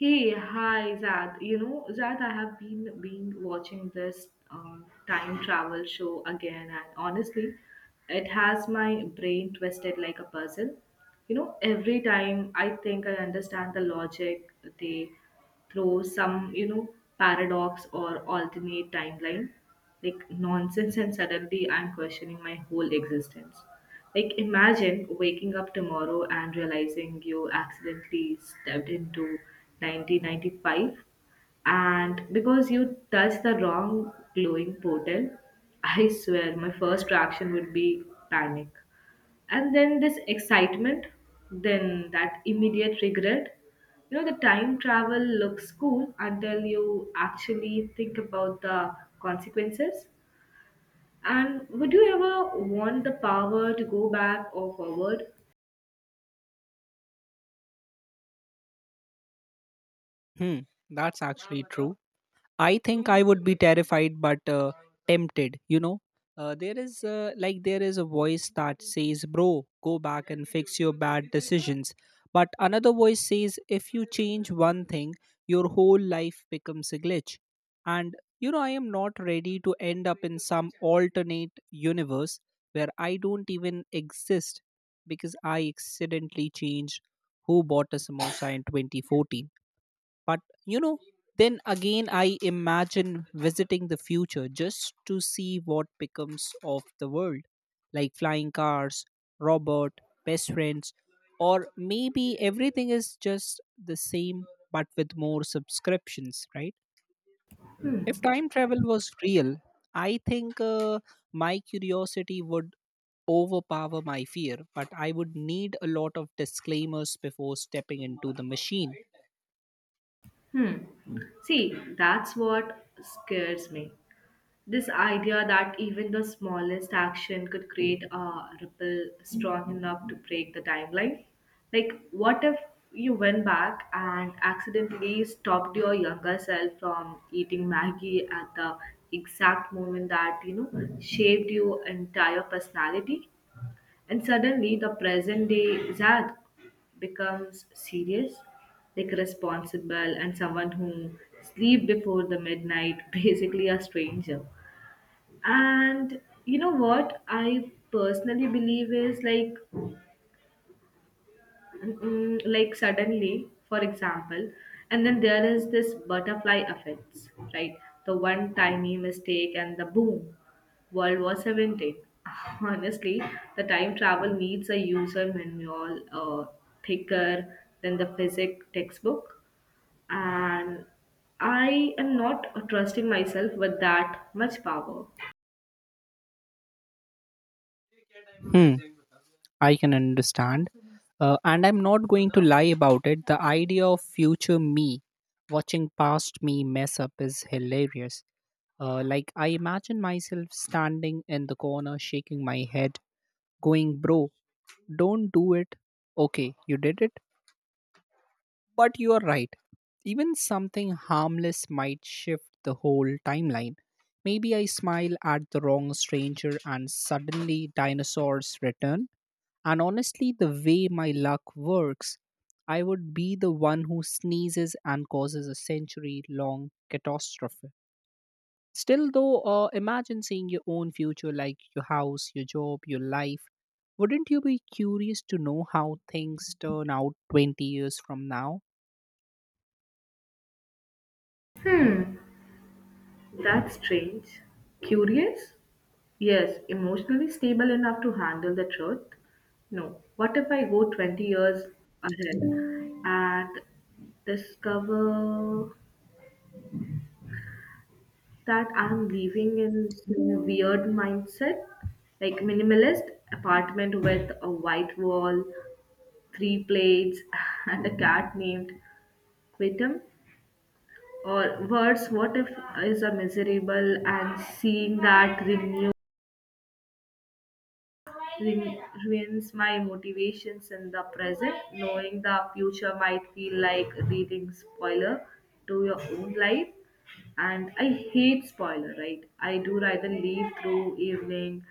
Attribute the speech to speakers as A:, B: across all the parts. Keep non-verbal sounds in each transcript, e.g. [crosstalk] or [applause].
A: Hey, hi Zad. You know, Zad, I have been watching this time travel show again, and honestly, it has my brain twisted like a puzzle. You know, every time I think I understand the logic, they throw some paradox or alternate timeline, like nonsense, and suddenly I'm questioning my whole existence. Like, imagine waking up tomorrow and realizing you accidentally stepped into 1995 and because you touched the wrong glowing portal. [laughs] I swear, my first reaction would be panic. And then this excitement, then that immediate regret. You know, the time travel looks cool until you actually think about the consequences. And would you ever want the power to go back or forward?
B: Hmm, that's actually true. I think I would be terrified, but tempted. There is there is a voice that says, "Bro, go back and fix your bad decisions," but another voice says, "If you change one thing, your whole life becomes a glitch." And you know, I am not ready to end up in some alternate universe where I don't even exist because I accidentally changed who bought a samosa in 2014. But you know, then again, I imagine visiting the future just to see what becomes of the world, like flying cars, robot, best friends, or maybe everything is just the same but with more subscriptions, right? If
A: Hmm.
B: time travel was real, I think my curiosity would overpower my fear, but I would need a lot of disclaimers before stepping into the machine.
A: Hmm. See, that's what scares me. This idea that even the smallest action could create a ripple strong enough to break the timeline. Like, what if you went back and accidentally stopped your younger self from eating Maggie at the exact moment that shaped your entire personality? And suddenly the present day Zad becomes serious, like responsible, and someone who sleep before the midnight, [laughs] basically a stranger. And you know what I personally believe is like like suddenly, for example, and then there is this butterfly effects, right? The one tiny mistake and the boom, world war 17. [laughs] Honestly, the time travel needs a user manual thicker than the physics textbook, and I am not trusting myself with that much power.
B: Hmm, I can understand. And I'm not going to lie about it. The idea of future me watching past me mess up is hilarious. I imagine myself standing in the corner, shaking my head, going, "Bro, don't do it. Okay, you did it." But you are right. Even something harmless might shift the whole timeline. Maybe I smile at the wrong stranger and suddenly dinosaurs return. And honestly, the way my luck works, I would be the one who sneezes and causes a century long catastrophe. Still, though, imagine seeing your own future, like your house, your job, your life. Wouldn't you be curious to know how things turn out 20 years from now?
A: That's strange, curious. Yes, emotionally stable enough to handle the truth. No, what if I go 20 years ahead and discover that I'm living in some weird mindset, like minimalist apartment with a white wall, three plates, [laughs] and a cat named Quitum? Or worse, what if is a miserable and seeing that renew rem- ruins my motivations in the present. Knowing the future might feel like reading spoiler to your own life. And I hate spoiler, right? I do rather leave through evening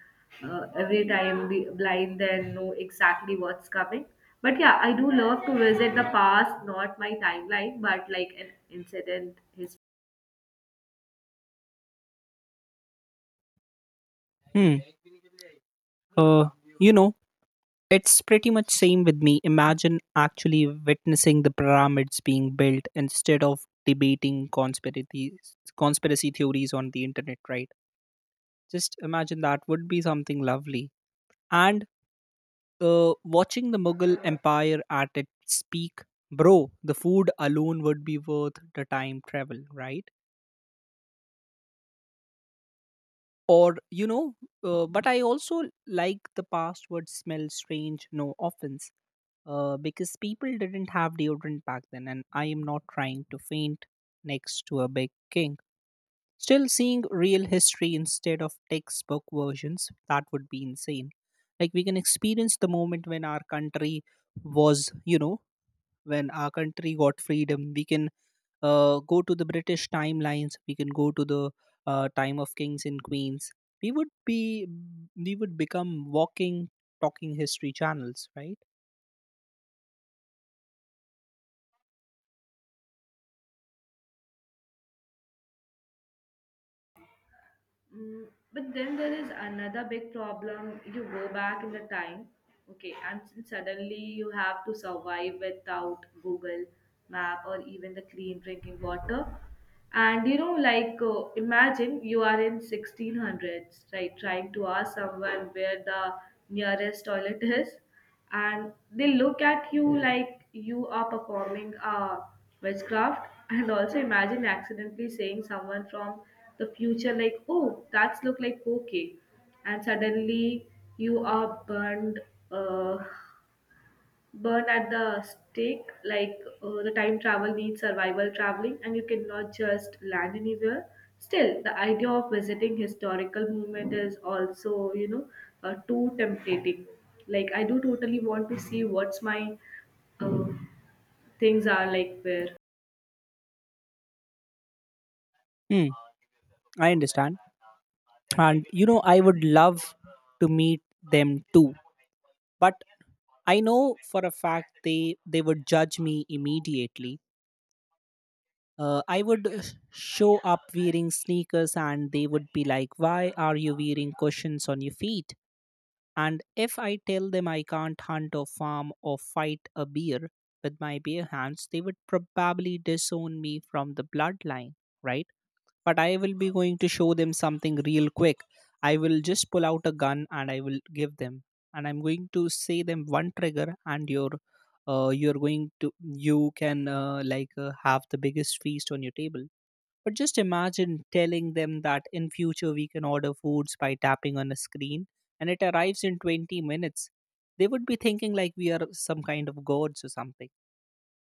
A: every time be blind than know exactly what's coming. But yeah, I do love to visit the past, not my timeline, but like an incident, history.
B: Hmm. Uh, you know, it's pretty much same with me. Imagine actually witnessing the pyramids being built instead of debating conspiracy theories on the internet, right? Just imagine, that would be something lovely. And watching the Mughal Empire at its peak, bro, the food alone would be worth the time travel, right? Or but I also like the past would smell strange. No offense, because people didn't have deodorant back then, and I am not trying to faint next to a big king. Still, seeing real history instead of textbook versions, that would be insane. Like, we can experience the moment when our country was, you know, when our country got freedom. We can go to the British timelines, we can go to the time of kings and queens. We would be, we would become walking, talking history channels, right?
A: Mm, but then there is another big problem. You go back in the time, okay, and suddenly you have to survive without Google Map or even the clean drinking water. And you know, like imagine you are in 1600s, right, trying to ask someone where the nearest toilet [laughs] is, and they look at you like you are performing a witchcraft. And also imagine accidentally saying someone from the future like, "Oh, that's look like okay," and suddenly you are burned. Uh, Burn at the stake like the time travel needs survival traveling, and you cannot just land anywhere. Still, the idea of visiting historical movement is also, you know, too tempting. Like I do totally want to see what's my uh, things are like where.
B: Hmm, I understand. And you know, I would love to meet them too, but I know for a fact they would judge me immediately. I would show up wearing sneakers and they would be like, why are you wearing cushions on your feet? And if I tell them I can't hunt or farm or fight a bear with my bare hands, they would probably disown me from the bloodline, right? But I will be going to show them something real quick. I will just pull out a gun and I will give them, and I'm going to say them, one trigger, and your you're going to you can like have the biggest feast on your table. But just imagine telling them that in future we can order foods by tapping on a screen and it arrives in 20 minutes. They would be thinking like we are some kind of gods or something.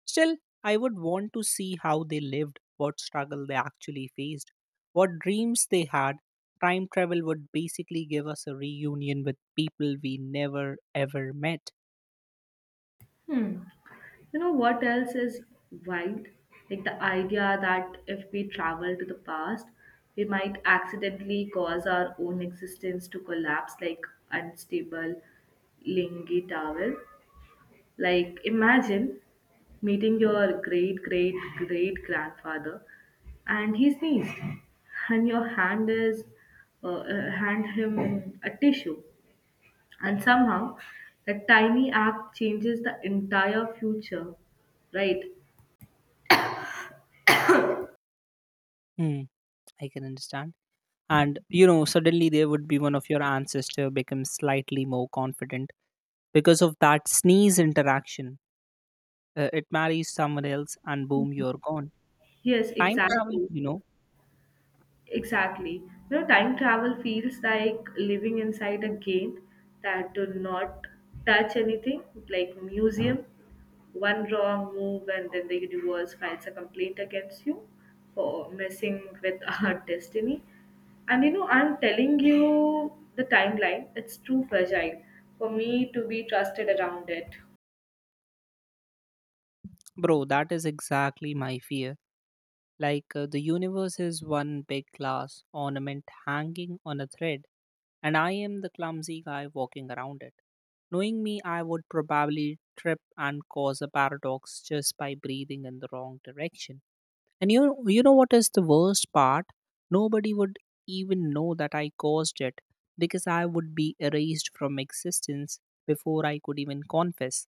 B: Still, I would want to see how they lived, what struggle they actually faced, what dreams they had. Time travel would basically give us a reunion with people we never ever met.
A: Hmm. You know what else is wild? Like the idea that if we travel to the past, we might accidentally cause our own existence to collapse like unstable lingy towel. Like imagine meeting your great great great grandfather, and he sneezed and your hand is hand him a tissue, and somehow that tiny act changes the entire future, right?
B: Hmm, I can understand. And you know, suddenly there would be one of your ancestor becomes slightly more confident because of that sneeze interaction. It marries someone else, and boom, you're gone.
A: Yes,
B: Time travel,
A: exactly.
B: you know,
A: Exactly. You know, time travel feels like living inside a game that do not touch anything, like museum. One wrong move and then the universe files a complaint against you for messing with [laughs] our destiny. And you know, I'm telling you the timeline, it's too fragile for me to be trusted around it.
B: bro. That is exactly my fear. Like the universe is one big glass ornament hanging on a thread, and I am the clumsy guy walking around it. Knowing me, I would probably trip and cause a paradox just by breathing in the wrong direction. And you know what is the worst part? Nobody would even know that I caused it because I would be erased from existence before I could even confess.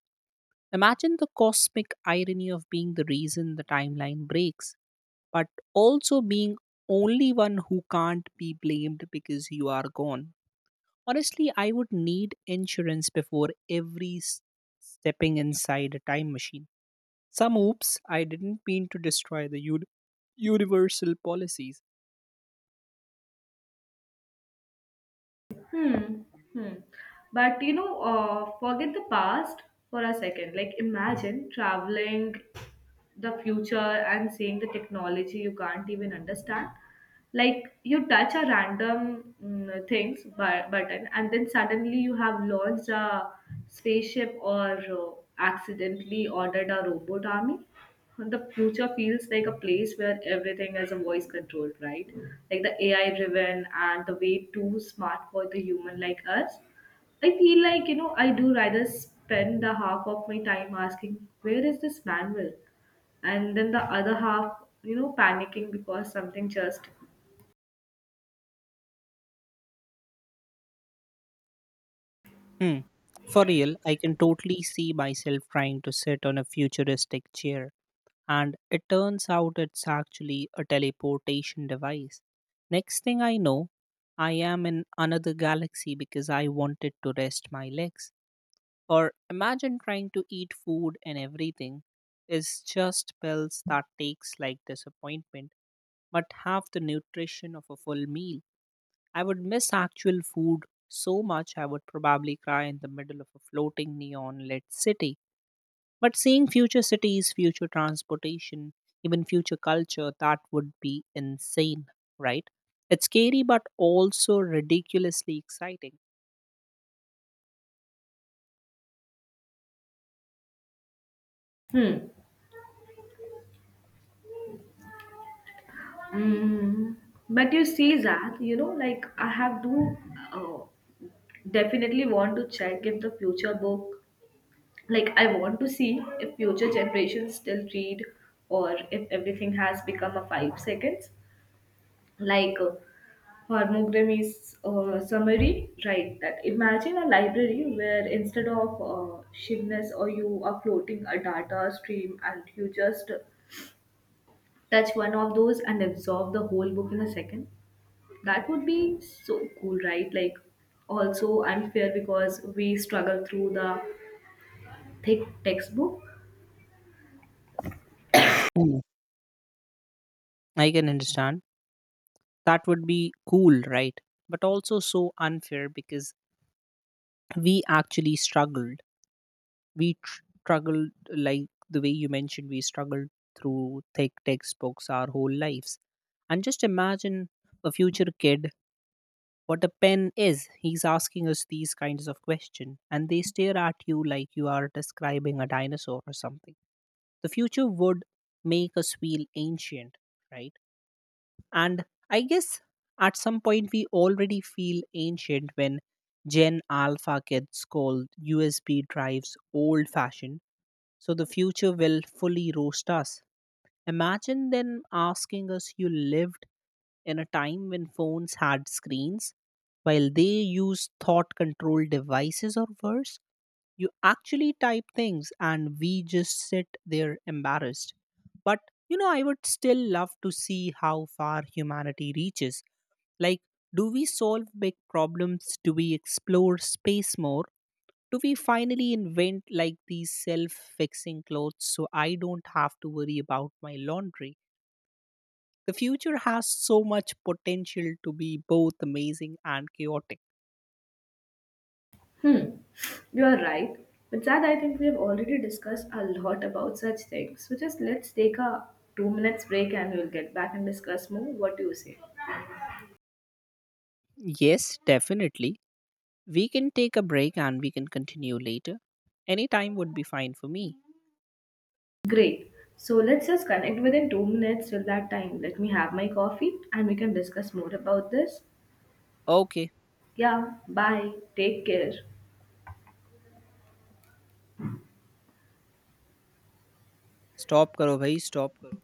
B: Imagine the cosmic irony of being the reason the timeline breaks, but also being only one who can't be blamed because you are gone. Honestly, I would need insurance before every stepping inside a time machine. Some oops, I didn't mean to destroy the universal policies.
A: Hmm. Hmm. But you know, forget the past for a second. Like, imagine traveling the future and seeing the technology you can't even understand. Like, you touch a random things button, and then suddenly you have launched a spaceship or accidentally ordered a robot army. The future feels like a place where everything is a voice controlled, right? Like the AI driven and the way too smart for the human like us. I feel like, you know, I do rather spend the half of my time asking, where is this manual? And then the other half, you know, panicking because something just.
B: Hmm. For real, I can totally see myself trying to sit on a futuristic chair and it turns out it's actually a teleportation device. Next thing I know, I am in another galaxy because I wanted to rest my legs. Or imagine trying to eat food and everything is just pills that takes like disappointment but have the nutrition of a full meal. I would miss actual food so much I would probably cry in the middle of a floating neon lit city. But seeing future cities, future transportation, even future culture, that would be insane, right? It's scary, but also ridiculously exciting.
A: Hmm. Mm. But you see, Zach, you know, like I have to uh, definitely want to check if the future book, like I want to see if future generations still read, or if everything has become a 5 seconds, like Harmogramy's summary, right? That imagine a library where instead of shivness or you are floating a data stream and you just touch one of those and absorb the whole book in a second. That would be so cool, right? Like also unfair because we struggle through the thick textbook.
B: Mm. I can understand. That would be cool, right? But also so unfair because we actually struggled. Struggled, like the way you mentioned, we struggled through thick textbooks our whole lives. And just imagine a future kid, what a pen is. He's asking us these kinds of questions, and they stare at you like you are describing a dinosaur or something. The future would make us feel ancient, right? And I guess at some point we already feel ancient when Gen Alpha kids call USB drives old fashioned. So the future will fully roast us. Imagine them asking us, "You lived in a time when phones had screens," while they use thought controlled devices, or worse, you actually type things and we just sit there embarrassed. But you know, I would still love to see how far humanity reaches. Like, do we solve big problems? Do we explore space more? Do we finally invent like these self fixing clothes so I don't have to worry about my laundry? The future has so much potential to be both amazing and chaotic.
A: Hmm, you are right. But Sad, I think we have already discussed a lot about such things. So just let's take a 2 minute break and we'll get back and discuss more. What do you say?
B: Yes, definitely. We can take a break and we can continue later. Any time would be fine for me.
A: Great. So let's just connect within 2 minutes till that time. Let me have my coffee and we can discuss more about this.
B: Okay,
A: Yeah, bye. Take care.
B: stop karo bhai, stop karo.